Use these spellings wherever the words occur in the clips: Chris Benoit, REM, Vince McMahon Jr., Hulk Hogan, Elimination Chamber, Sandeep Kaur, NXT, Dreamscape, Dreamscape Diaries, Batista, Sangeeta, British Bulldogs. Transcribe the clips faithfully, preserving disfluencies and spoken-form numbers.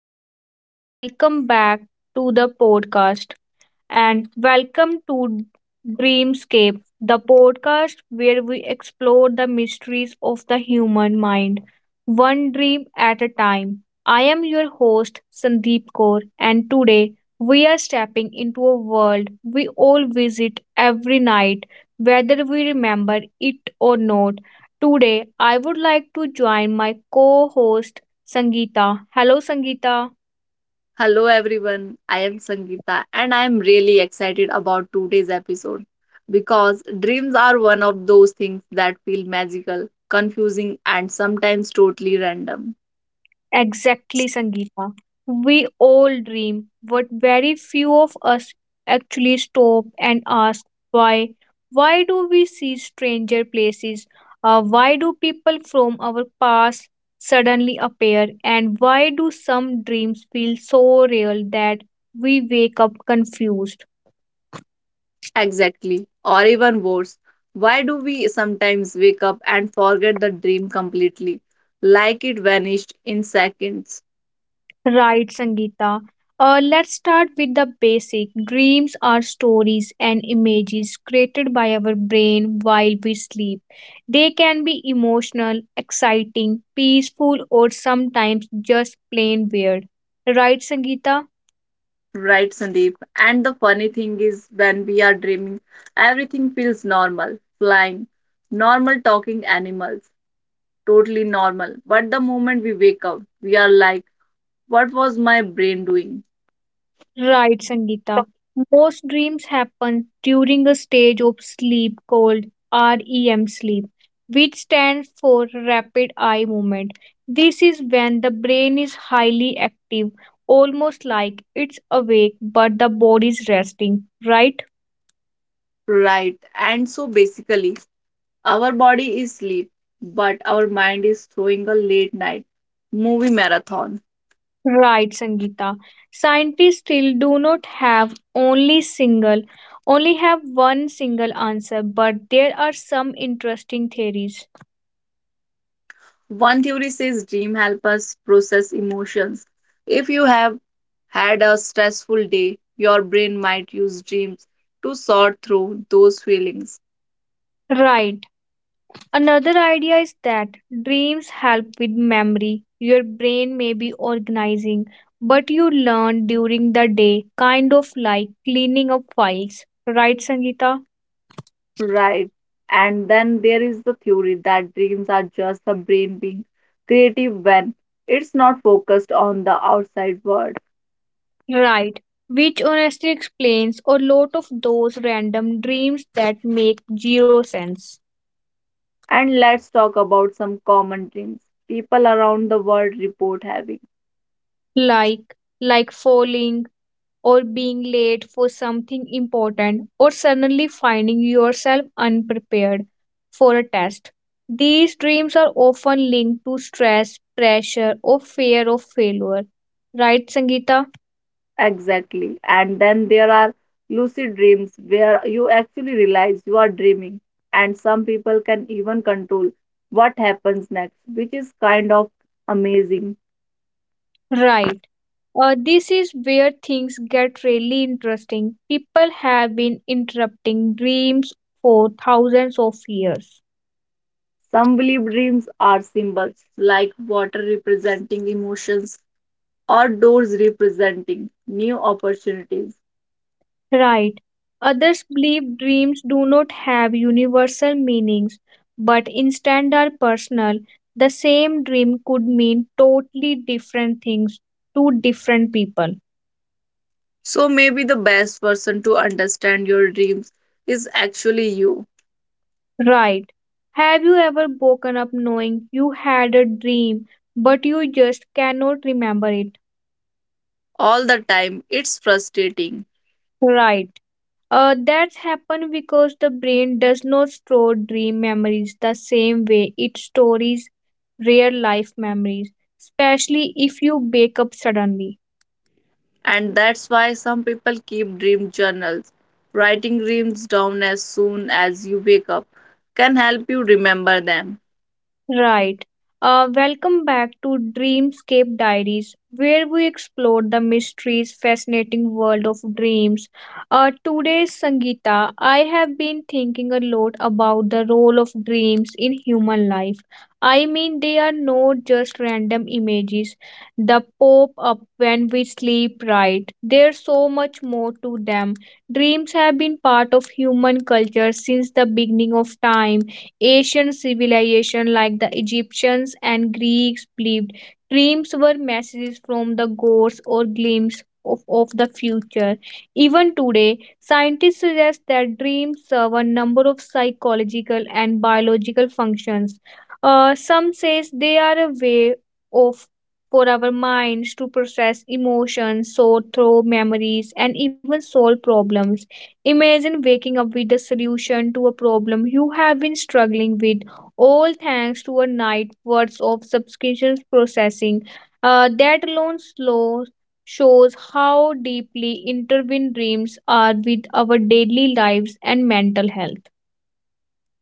everyone, and welcome back to the podcast and welcome to Dreamscape, the podcast where we explore the mysteries of the human mind, one dream at a time. I am your host, Sandeep Kaur, and today we are stepping into a world we all visit every night, whether we remember it or not. Today, I would like to join my co host, Sangeeta. Hello, Sangeeta. Hello everyone, I am Sangeeta and I am really excited about today's episode because dreams are one of those things that feel magical, confusing, and sometimes totally random. Exactly, Sangeeta. We all dream, but very few of us actually stop and ask why. Why do we see stranger places? Uh, why do people from our past suddenly appear? And why do some dreams feel so real that we wake up confused? Exactly, or even worse, why do we sometimes wake up and forget the dream completely, like it vanished in seconds? Right, Sangeeta. Uh, let's start with the basic. Dreams are stories and images created by our brain while we sleep. They can be emotional, exciting, peaceful, or sometimes just plain weird. Right, Sangeeta? Right, Sandeep. And the funny thing is, when we are dreaming, everything feels normal, flying, normal talking animals totally normal. But the moment we wake up, we are like, what was my brain doing? Right, Sangeeta. Most dreams happen during a stage of sleep called R E M sleep, which stands for rapid eye movement. This is when the brain is highly active, almost like it's awake but the body is resting, right? Right. And so basically, our body is asleep, but our mind is throwing a late night movie marathon. Right, Sangeeta. Scientists still do not have only single only have one single answer, but there are some interesting theories. One theory says dream help us process emotions. If you have had a stressful day, your brain might use dreams to sort through those feelings. Right. Another idea is that dreams help with memory. Your brain may be organizing, but you learn during the day, kind of like cleaning up files. Right, Sangeeta? Right. And then there is the theory that dreams are just the brain being creative when it's not focused on the outside world. Right. Which honestly explains a lot of those random dreams that make zero sense. And let's talk about some common dreams people around the world report having. Like like falling, or being late for something important or suddenly finding yourself unprepared for a test. These dreams are often linked to stress, pressure, or fear of failure. Right, Sangeeta? Exactly. And then there are lucid dreams where you actually realize you are dreaming, and some people can even control what happens next, which is kind of amazing. Right. Uh, this is where things get really interesting. People have been interrupting dreams for thousands of years. Some believe dreams are symbols, like water representing emotions or doors representing new opportunities. Right. Others believe dreams do not have universal meanings, but instead are personal. The same dream could mean totally different things to different people. So maybe the best person to understand your dreams is actually you. Right. Have you ever woken up knowing you had a dream, but you just cannot remember it? All the time, it's frustrating. Right. Uh, that's happened because the brain does not store dream memories the same way it stores real life memories, especially if you wake up suddenly. And that's why some people keep dream journals. Writing dreams down as soon as you wake up can help you remember them. Right. Uh, welcome back to Dreamscape Diaries, where we explore the mysteries, fascinating world of dreams. Uh, today's Sangeeta, I have been thinking a lot about the role of dreams in human life. I mean, they are not just random images that pop up when we sleep, right? There's so much more to them. Dreams have been part of human culture since the beginning of time Asian civilization like the Egyptians and Greeks believed dreams were messages from the gods or glimpses of, of the future. Even today, scientists suggest that dreams serve a number of psychological and biological functions. Uh, some says they are a way of for our minds to process emotions, sort through memories, and even solve problems. Imagine waking up with the solution to a problem you have been struggling with, all thanks to a night worth of subscriptions processing. Uh, that alone slow shows how deeply intertwined dreams are with our daily lives and mental health.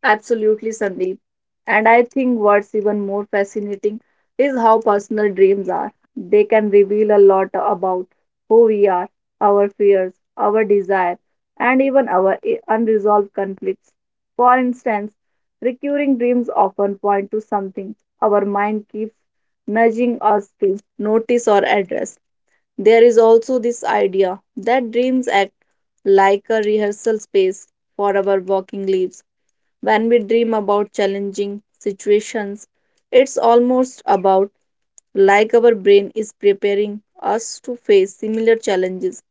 Absolutely, Sandeep. And I think what's even more fascinating is how personal dreams are. They can reveal a lot about who we are, our fears, our desire, and even our i- unresolved conflicts. For instance, recurring dreams often point to something our mind keeps nudging us to notice or address. There is also this idea that dreams act like a rehearsal space for our walking lives when we dream about challenging situations, it's almost about like our brain is preparing us to face similar challenges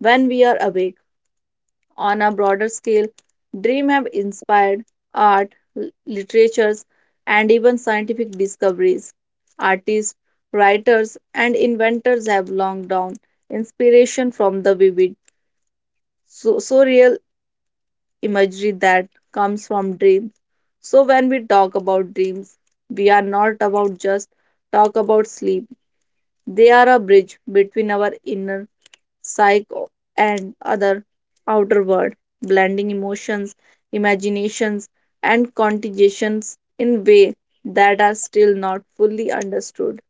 when we are awake. On a broader scale, dreams have inspired art, l- literatures, and even scientific discoveries. Artists, writers, and inventors have long drawn inspiration from the vivid, so- surreal imagery that comes from dreams. So when we talk about dreams, we are not about just talk about sleep. They are a bridge between our inner psyche and other outer world, blending emotions, imaginations, and contagions in way that are still not fully understood.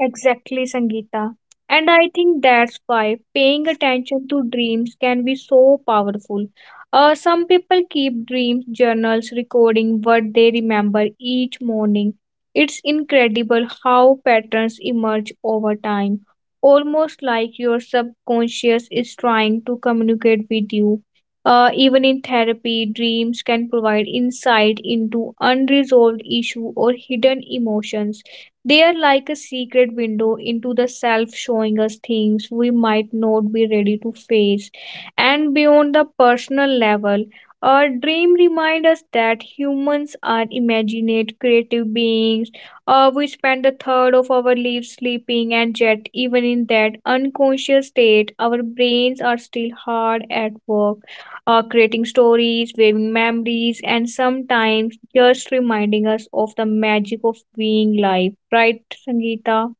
Exactly, Sangeeta. And I think that's why paying attention to dreams can be so powerful. Uh, some people keep dreams journals recording what they remember each morning. It's incredible how patterns emerge over time, almost like your subconscious is trying to communicate with you. Uh, even in therapy, dreams can provide insight into unresolved issue or hidden emotions they are like a secret window into the self, showing us things we might not be ready to face. And beyond the personal level, our dream remind us that humans are imaginate, creative beings. Uh, we spend a third of our lives sleeping, and yet, even in that unconscious state, our brains are still hard at work uh, creating stories, waving memories, and sometimes just reminding us of the magic of being live. Right, Sangeeta?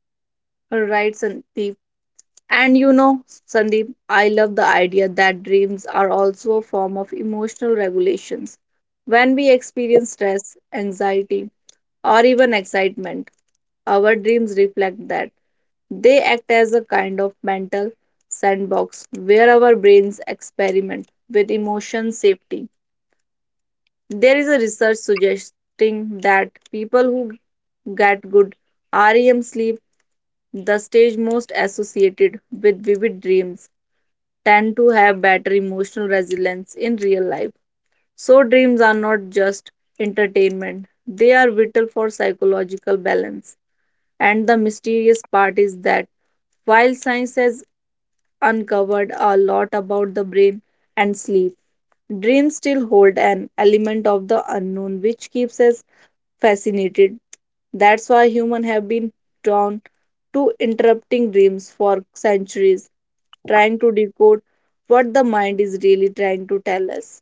All right, Sandeep. And you know, Sandeep, I love the idea that dreams are also a form of emotional regulations. When we experience stress, anxiety, or even excitement, our dreams reflect that. They act as a kind of mental sandbox where our brains experiment with emotion safety. There is a research suggesting that people who get good R E M sleep, the stage most associated with vivid dreams tend to have better emotional resilience in real life. So, dreams are not just entertainment, they are vital for psychological balance. And the mysterious part is that while science has uncovered a lot about the brain and sleep, dreams still hold an element of the unknown which keeps us fascinated. That's why humans have been drawn to interrupting dreams for centuries, trying to decode what the mind is really trying to tell us.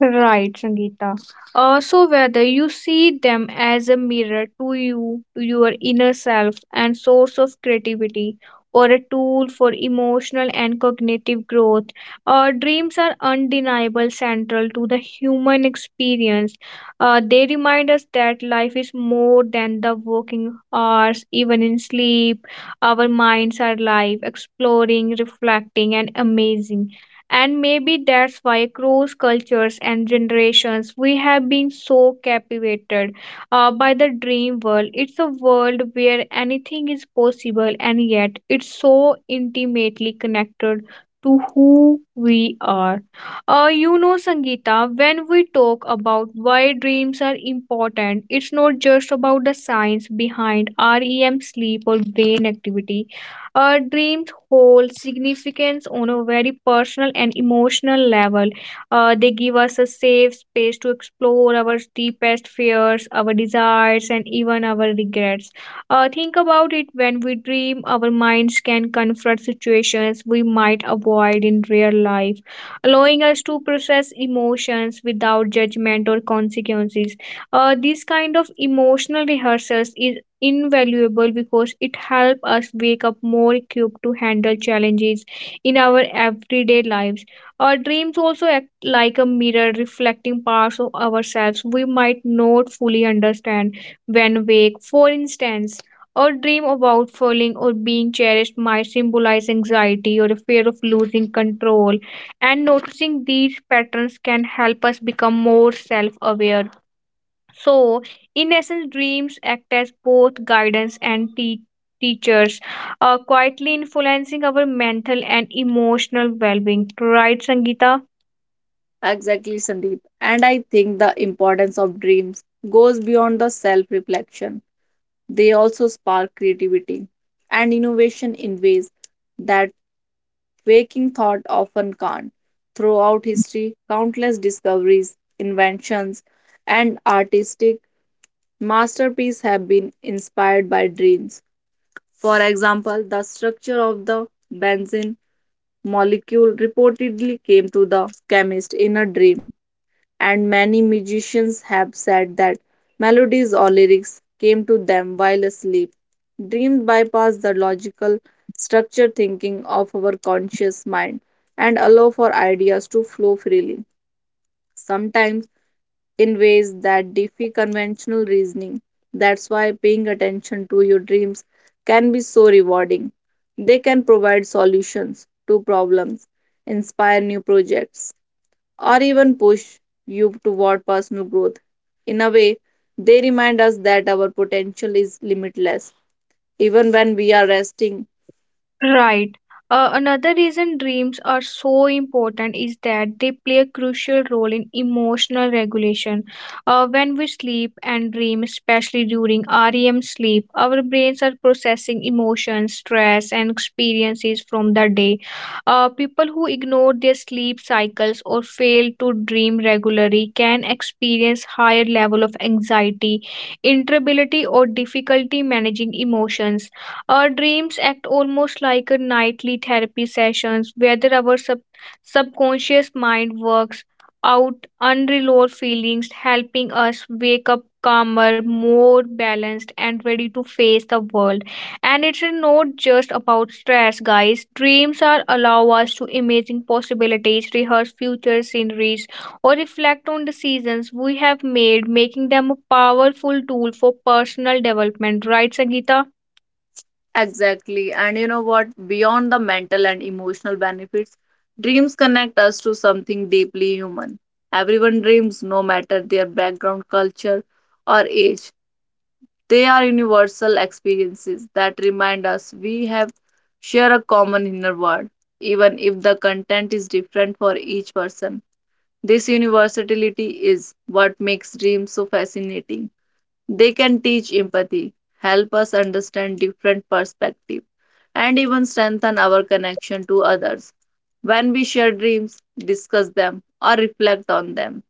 Right, Sangeeta. Uh, so whether you see them as a mirror to you, to your inner self and source of creativity, or a tool for emotional and cognitive growth, uh, dreams are undeniable central to the human experience. Uh, they remind us that life is more than the working hours, even in sleep. Our minds are live, exploring, reflecting, and amazing. And maybe that's why, across cultures and generations, we have been so captivated uh, by the dream world. It's a world where anything is possible, and yet it's so intimately connected to who we are. Uh, you know, Sangeeta, when we talk about why dreams are important, it's not just about the science behind R E M sleep or brain activity our dreams hold significance on a very personal and emotional level. Uh, they give us a safe space to explore our deepest fears, our desires, and even our regrets. Uh, think about it when we dream, our minds can confront situations we might avoid in real life, allowing us to process emotions without judgment or consequences. Uh, this kind of emotional rehearsals is invaluable because it helps us wake up more equipped to handle challenges in our everyday lives. Our dreams also act like a mirror reflecting parts of ourselves we might not fully understand when awake. For instance, our dream about falling or being cherished might symbolize anxiety or a fear of losing control, and noticing these patterns can help us become more self aware so, in essence, dreams act as both guidance and te- teachers, uh, quietly influencing our mental and emotional well being. Right, Sangeeta? Exactly, Sandeep. And I think the importance of dreams goes beyond the self reflection, they also spark creativity and innovation in ways that waking thought often can't. Throughout history, countless discoveries, inventions, and artistic masterpieces have been inspired by dreams. For example, the structure of the benzene molecule reportedly came to the chemist in a dream, and many musicians have said that melodies or lyrics came to them while asleep. Dreams bypass the logical structure thinking of our conscious mind and allow for ideas to flow freely. Sometimes in ways that defy conventional reasoning. That's why paying attention to your dreams can be so rewarding. They can provide solutions to problems, inspire new projects, or even push you toward personal growth. In a way, they remind us that our potential is limitless, even when we are resting. Right. Uh, another reason dreams are so important is that they play a crucial role in emotional regulation. Uh, when we sleep and dream, especially during R E M sleep, our brains are processing emotions, stress, and experiences from the day. Uh, people who ignore their sleep cycles or fail to dream regularly can experience higher level of anxiety, irritability, or difficulty managing emotions our dreams act almost like a nightly therapy sessions whether our sub- subconscious mind works out unresolved feelings, helping us wake up calmer, more balanced, and ready to face the world. And it's not just about stress, guys. Dreams are allow us to imagine possibilities, rehearse future sceneries, or reflect on decisions we have made, making them a powerful tool for personal development. Right, Sangeeta? Exactly. And you know what? Beyond the mental and emotional benefits, dreams connect us to something deeply human. Everyone dreams, no matter their background, culture, or age. They are universal experiences that remind us we have share a common inner world, even if the content is different for each person. This universality is what makes dreams so fascinating. They can teach empathy, help us understand different perspectives, and even strengthen our connection to others. When we share dreams, discuss them, or reflect on them,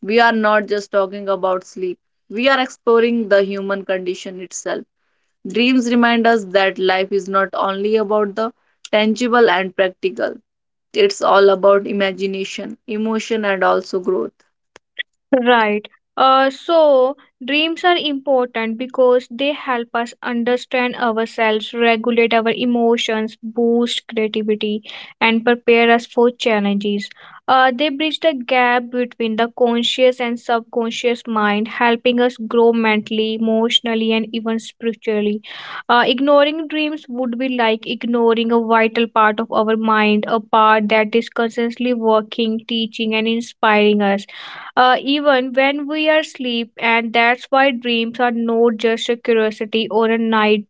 we are not just talking about sleep, we are exploring the human condition itself. Dreams remind us that life is not only about the tangible and practical, it's all about imagination, emotion, and also growth. Right. Uh, so dreams are important because they help us understand ourselves, regulate our emotions, boost creativity, and prepare us for challenges. Uh, they bridge the gap between the conscious and subconscious mind, helping us grow mentally, emotionally, and even spiritually. Uh, ignoring dreams would be like ignoring a vital part of our mind, a part that is constantly working, teaching, and inspiring us uh, even when we are asleep, and that's why dreams are not just a curiosity or a night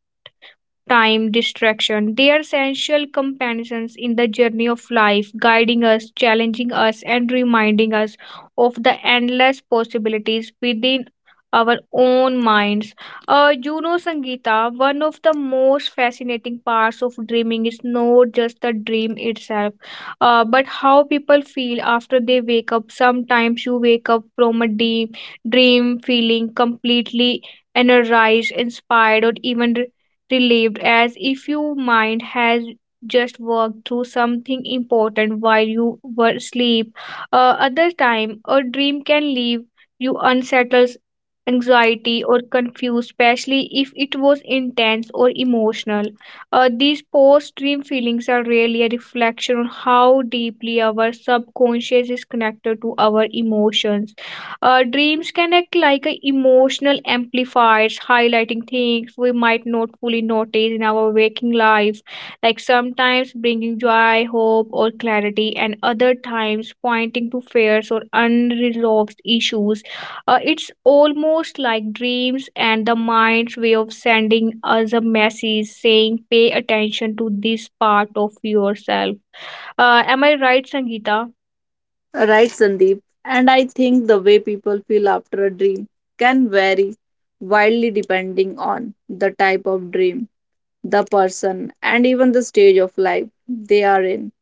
time, distraction. They are essential companions in the journey of life, guiding us, challenging us, and reminding us of the endless possibilities within our own minds. Uh, you know, Sangeeta, one of the most fascinating parts of dreaming is not just the dream itself, uh, but how people feel after they wake up. Sometimes you wake up from a deep dream feeling completely energized, inspired, or even relieved as if your mind has just worked through something important while you were asleep. Uh, other time, a dream can leave you unsettled, anxiety or confused, especially if it was intense or emotional. Uh, these post-dream feelings are really a reflection on how deeply our subconscious is connected to our emotions. Uh, dreams can act like a emotional amplifiers, highlighting things we might not fully notice in our waking life, like sometimes bringing joy, hope, or clarity, and other times pointing to fears or unresolved issues. Uh, it's almost like dreams and the mind's way of sending us a message saying, pay attention to this part of yourself. Uh, am I right, Sangeeta? Right, Sandeep. And I think the way people feel after a dream can vary wildly depending on the type of dream, the person, and even the stage of life they are in.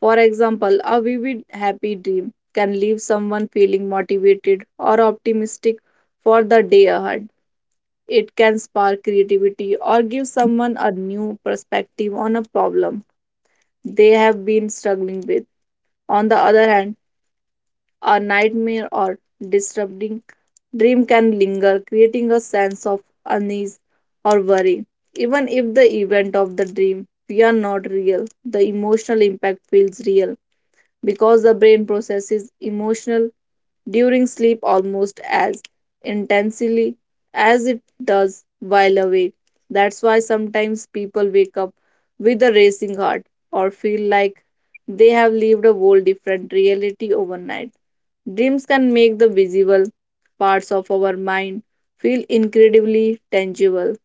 For example, a vivid, happy dream can leave someone feeling motivated or optimistic for the day ahead. It can spark creativity or give someone a new perspective on a problem they have been struggling with. On the other hand, a nightmare or disturbing dream can linger, creating a sense of unease or worry. Even if the event of the dream we are not real, the emotional impact feels real because the brain processes emotional during sleep almost as intensely as it does while awake. That's why sometimes people wake up with a racing heart or feel like they have lived a whole different reality overnight. Dreams can make the visible parts of our mind feel incredibly tangible.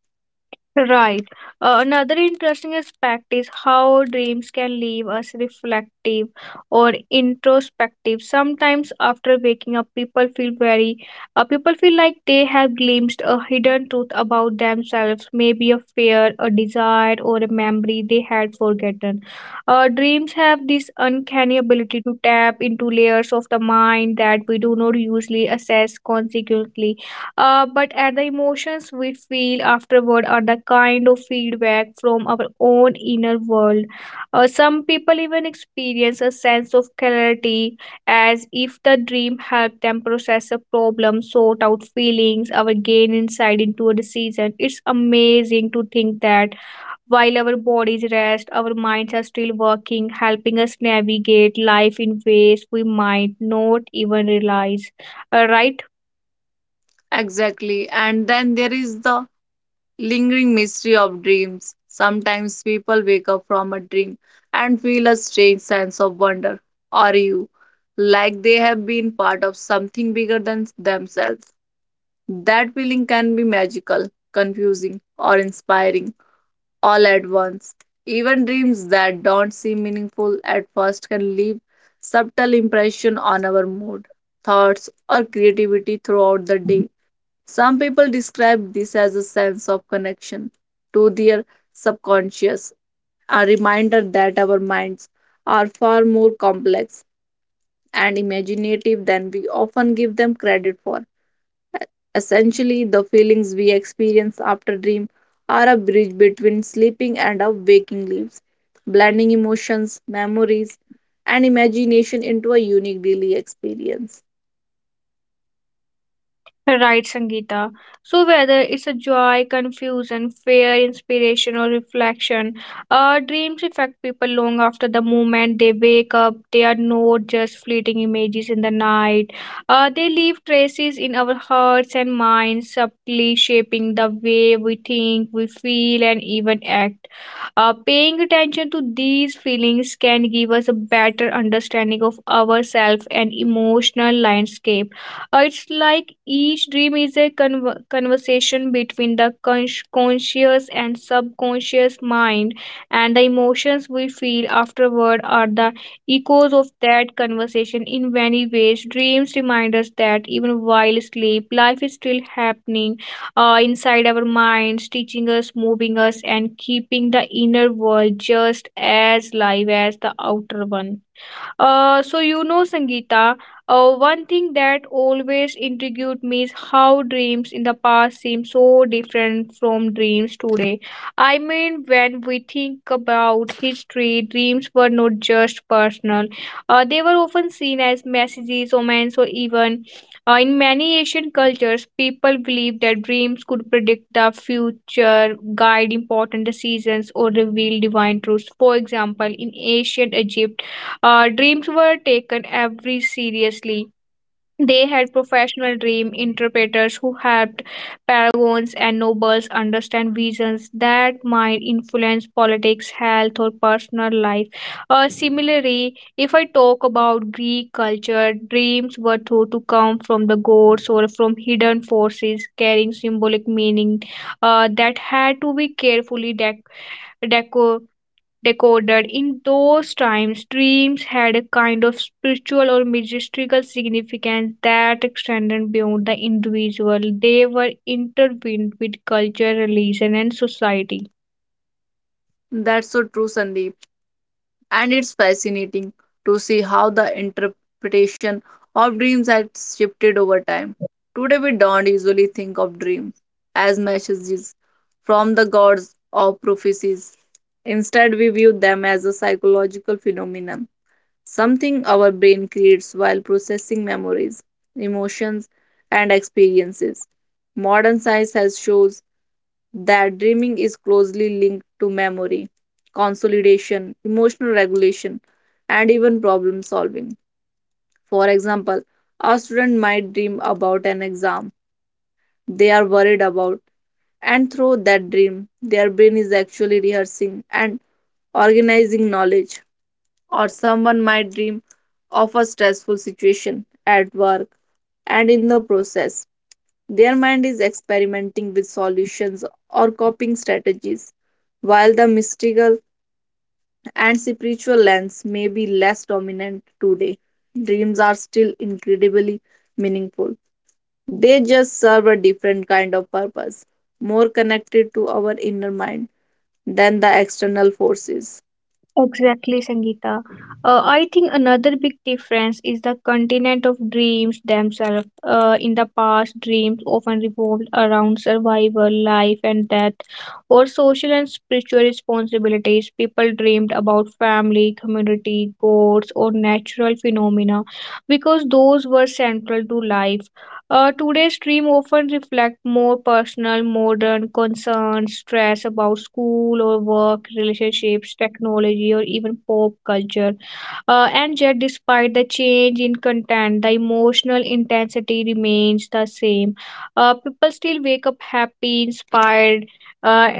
Right. Uh, another interesting aspect is how dreams can leave us reflective or introspective. Sometimes after waking up, people feel very, uh, people feel like they have glimpsed a hidden truth about themselves, maybe a fear, a desire, or a memory they had forgotten. Uh, dreams have this uncanny ability to tap into layers of the mind that we do not usually assess consequently uh, but at the emotions we feel afterward are the kind of feedback from our own inner world. Uh, some people even experience a sense of clarity as if the dream helped them process a problem, sort out feelings, or gain insight into a decision. It's amazing to think that while our bodies rest, our minds are still working, helping us navigate life in ways we might not even realize. Uh, right? Exactly. And then there is the lingering mystery of dreams. Sometimes people wake up from a dream and feel a strange sense of wonder or you, like they have been part of something bigger than themselves. That feeling can be magical, confusing, or inspiring all at once. Even dreams that don't seem meaningful at first can leave subtle impression on our mood, thoughts, or creativity throughout the day. Some people describe this as a sense of connection to their subconscious, a reminder that our minds are far more complex and imaginative than we often give them credit for. Essentially, the feelings we experience after dream are a bridge between sleeping and our waking lives, blending emotions, memories, and imagination into a unique daily experience. Right, Sangeeta. So, whether it's a joy, confusion, fear, inspiration, or reflection, uh, dreams affect people long after the moment they wake up. They are not just fleeting images in the night. Uh, they leave traces in our hearts and minds, subtly shaping the way we think, we feel, and even act. Uh, paying attention to these feelings can give us a better understanding of ourselves and emotional landscape. Uh, it's like each dream is a conver conversation between the cons- conscious and subconscious mind, and the emotions we feel afterward are the echoes of that conversation. In many ways, dreams remind us that even while asleep, life is still happening uh, inside our minds, teaching us, moving us, and keeping the inner world just as live as the outer one. Uh, so you know, Sangeeta, uh, one thing that always intrigued me is how dreams in the past seem so different from dreams today. I mean, when we think about history, dreams were not just personal; uh, they were often seen as messages, omens, or even, uh, in many Asian cultures, people believed that dreams could predict the future, guide important decisions, or reveal divine truths. For example, in ancient Egypt, uh, dreams were taken every seriously. They had professional dream interpreters who helped paragons and nobles understand visions that might influence politics, health, or personal life. Uh, similarly, if I talk about Greek culture, dreams were thought to come from the gods or from hidden forces carrying symbolic meaning uh, that had to be carefully dec- deco- decoded. In those times, dreams had a kind of spiritual or mystical significance that extended beyond the individual. They were intertwined with culture, religion, and society. That's so true, Sandeep. And it's fascinating to see how the interpretation of dreams has shifted over time. Today, we don't usually think of dreams as messages from the gods or prophecies. Instead, we view them as a psychological phenomenon, something our brain creates while processing memories, emotions, and experiences. Modern science has shown that dreaming is closely linked to memory, consolidation, emotional regulation, and even problem solving. For example, a student might dream about an exam they are worried about, and through that dream, their brain is actually rehearsing and organizing knowledge. Or someone might dream of a stressful situation at work, and in the process, their mind is experimenting with solutions or coping strategies, while the mystical and spiritual lens may be less dominant today. Dreams are still incredibly meaningful. They just serve a different kind of purpose, more connected to our inner mind than the external forces. Exactly, Sangeeta. Uh, I think another big difference is the continent of dreams themselves. Uh, in the past, dreams often revolved around survival, life and death, or social and spiritual responsibilities. People dreamed about family, community, gods, or natural phenomena because those were central to life. Uh, today's stream often reflect more personal, modern concerns, stress about school or work, relationships, technology, or even pop culture. Uh, and yet, despite the change in content, the emotional intensity remains the same. Uh, people still wake up happy, inspired, uh,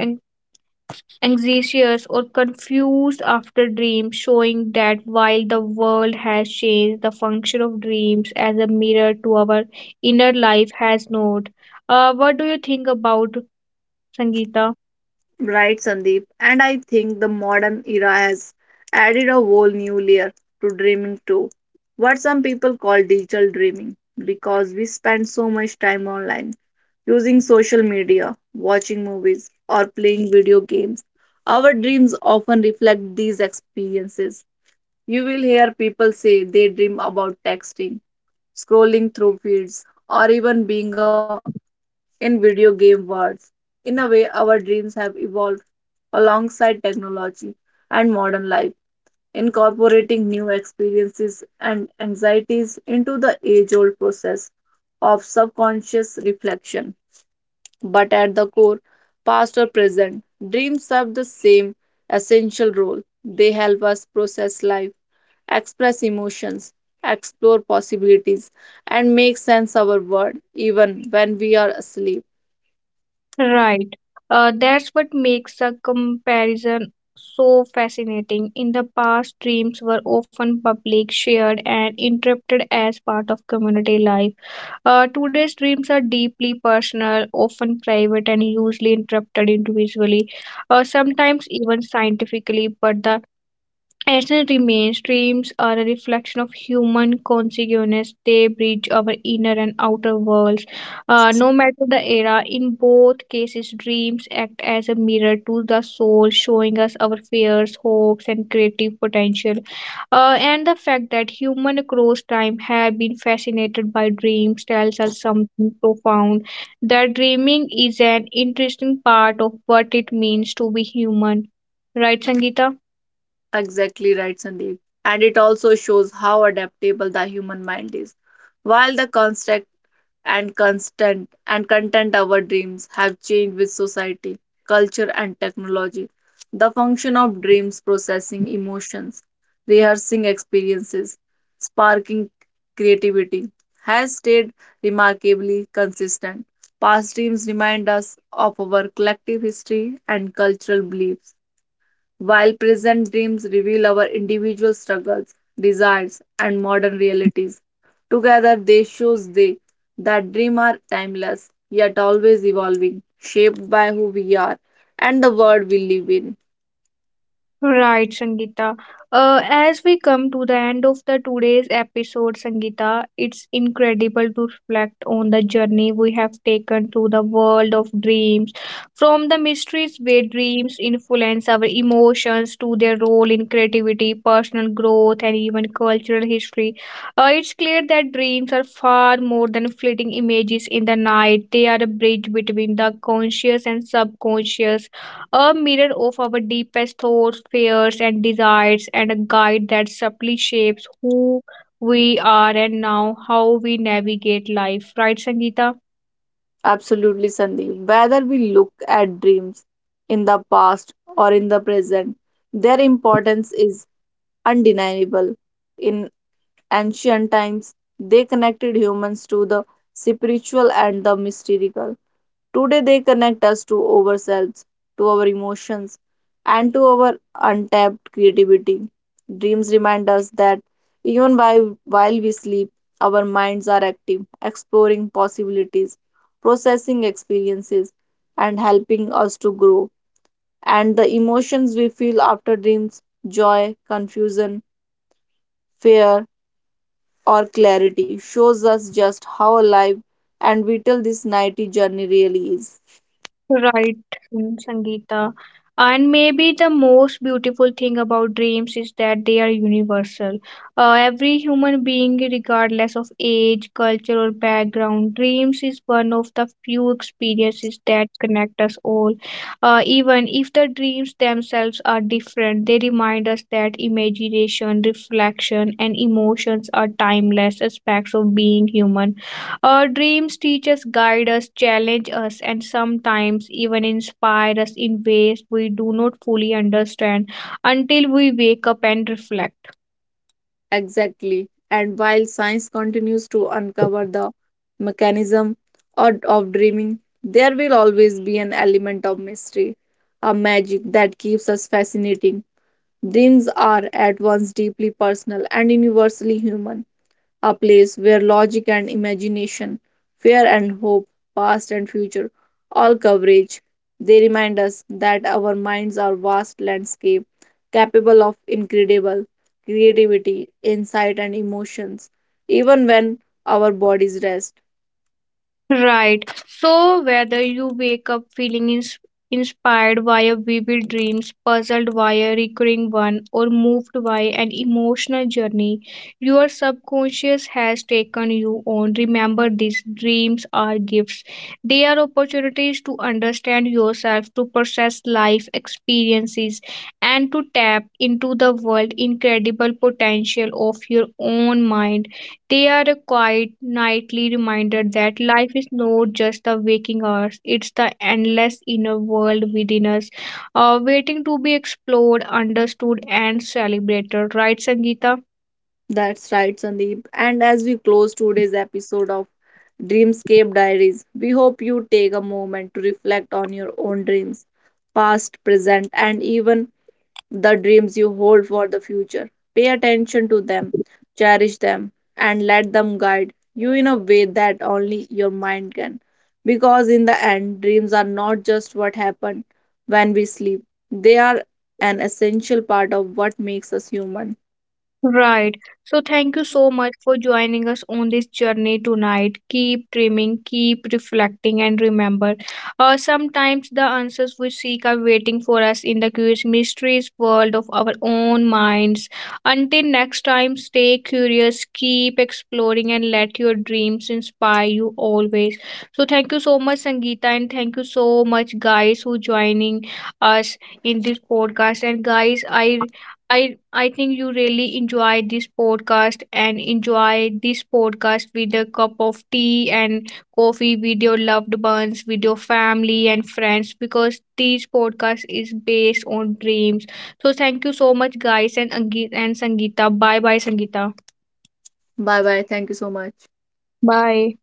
anxious or confused after dreams, showing that while the world has changed, the function of dreams as a mirror to our inner life has not. Uh, what do you think about Sangeeta? Right, Sandeep. And I think the modern era has added a whole new layer to dreaming too. What some people call digital dreaming, because we spend so much time online, using social media, watching movies, or playing video games. Our dreams often reflect these experiences. You will hear people say they dream about texting, scrolling through feeds, or even being a in video game worlds. In a way, our dreams have evolved alongside technology and modern life, incorporating new experiences and anxieties into the age old process of subconscious reflection. But at the core, past or present, dreams serve the same essential role. They help us process life, express emotions, explore possibilities, and make sense of our world even when we are asleep. Right. Uh, that's what makes the comparison so fascinating. In the past, dreams were often public, shared, and interpreted as part of community life. Uh, today's dreams are deeply personal, often private, and usually interpreted individually, uh, sometimes even scientifically. But the Ethnicity mainstreams are a reflection of human consciousness. They bridge our inner and outer worlds. Uh, no matter the era, in both cases, dreams act as a mirror to the soul, showing us our fears, hopes, and creative potential. Uh, and the fact that humans across time have been fascinated by dreams tells us something profound, that dreaming is an interesting part of what it means to be human. Right, Sangeeta? Exactly right, Sandeep. And it also shows how adaptable the human mind is. While the construct and constant and content our dreams have changed with society, culture, and technology, the function of dreams processing emotions, rehearsing experiences, sparking creativity has stayed remarkably consistent. Past dreams remind us of our collective history and cultural beliefs while present dreams reveal our individual struggles, desires, and modern realities. Together, they shows they that dreams are timeless, yet always evolving, shaped by who we are and the world we live in. Right, Sangeeta. Uh, as we come to the end of the today's episode, Sangeeta, it's incredible to reflect on the journey we have taken through the world of dreams, from the mysteries where dreams influence our emotions to their role in creativity, personal growth, and even cultural history. Uh, it's clear that dreams are far more than fleeting images in the night. They are a bridge between the conscious and subconscious, a mirror of our deepest thoughts, fears, and desires, and a guide that subtly shapes who we are and now how we navigate life. Right, Sangeeta? Absolutely, Sandeep. Whether we look at dreams in the past or in the present, their importance is undeniable. In ancient times, they connected humans to the spiritual and the mystical. Today, they connect us to ourselves, to our emotions, and to our untapped creativity. Dreams remind us that even while, while we sleep, our minds are active, exploring possibilities, processing experiences, and helping us to grow. And the emotions we feel after dreams joy, confusion, fear, or clarity shows us just how alive and vital this nighty journey really is. Right, mm, Sangeeta. And maybe the most beautiful thing about dreams is that they are universal. Uh, every human being, regardless of age, culture, or background, dreams is one of the few experiences that connect us all. Uh, even if the dreams themselves are different, they remind us that imagination, reflection, and emotions are timeless aspects of being human. Our dreams teach us, guide us, challenge us, and sometimes even inspire us in ways we do not fully understand until we wake up and reflect. Exactly. And while science continues to uncover the mechanism or of dreaming, there will always be an element of mystery, a magic that keeps us fascinating. Dreams are at once deeply personal and universally human a place where logic and imagination, fear and hope, past and future all coverage. They remind us that our minds are vast landscape capable of incredible creativity, insight and emotions even when our bodies rest. Right. So, whether you wake up feeling ins- inspired by a vivid dreams, puzzled by a recurring one, or moved by an emotional journey, your subconscious has taken you on. Remember, these dreams are gifts. They are opportunities to understand yourself, to process life experiences, and to tap into the world incredible potential of your own mind. They are a quiet nightly reminder that life is not just the waking hours, it's the endless inner world within us, uh, waiting to be explored, understood, and celebrated. Right, Sangeeta? That's right, Sandeep. And as we close today's episode of Dreamscape Diaries, we hope you take a moment to reflect on your own dreams, past, present, and even the dreams you hold for the future. Pay attention to them, cherish them, and let them guide you in a way that only your mind can. Because in the end, dreams are not just what happen when we sleep, they are an essential part of what makes us human. Right. So thank you so much for joining us on this journey tonight. Keep dreaming, keep reflecting, and remember, uh, sometimes the answers we seek are waiting for us in the curious mysteries world of our own minds. Until next time, stay curious, keep exploring, and let your dreams inspire you always. So thank you so much, Sangeeta, and thank you so much, guys, who joining us in this podcast. And guys, I I I think you really enjoyed this podcast and enjoyed this podcast with a cup of tea and coffee with your loved ones, with your family and friends because this podcast is based on dreams. So thank you so much guys and Angi- and Sangeeta. Bye bye, Sangeeta. Bye bye. Thank you so much. Bye.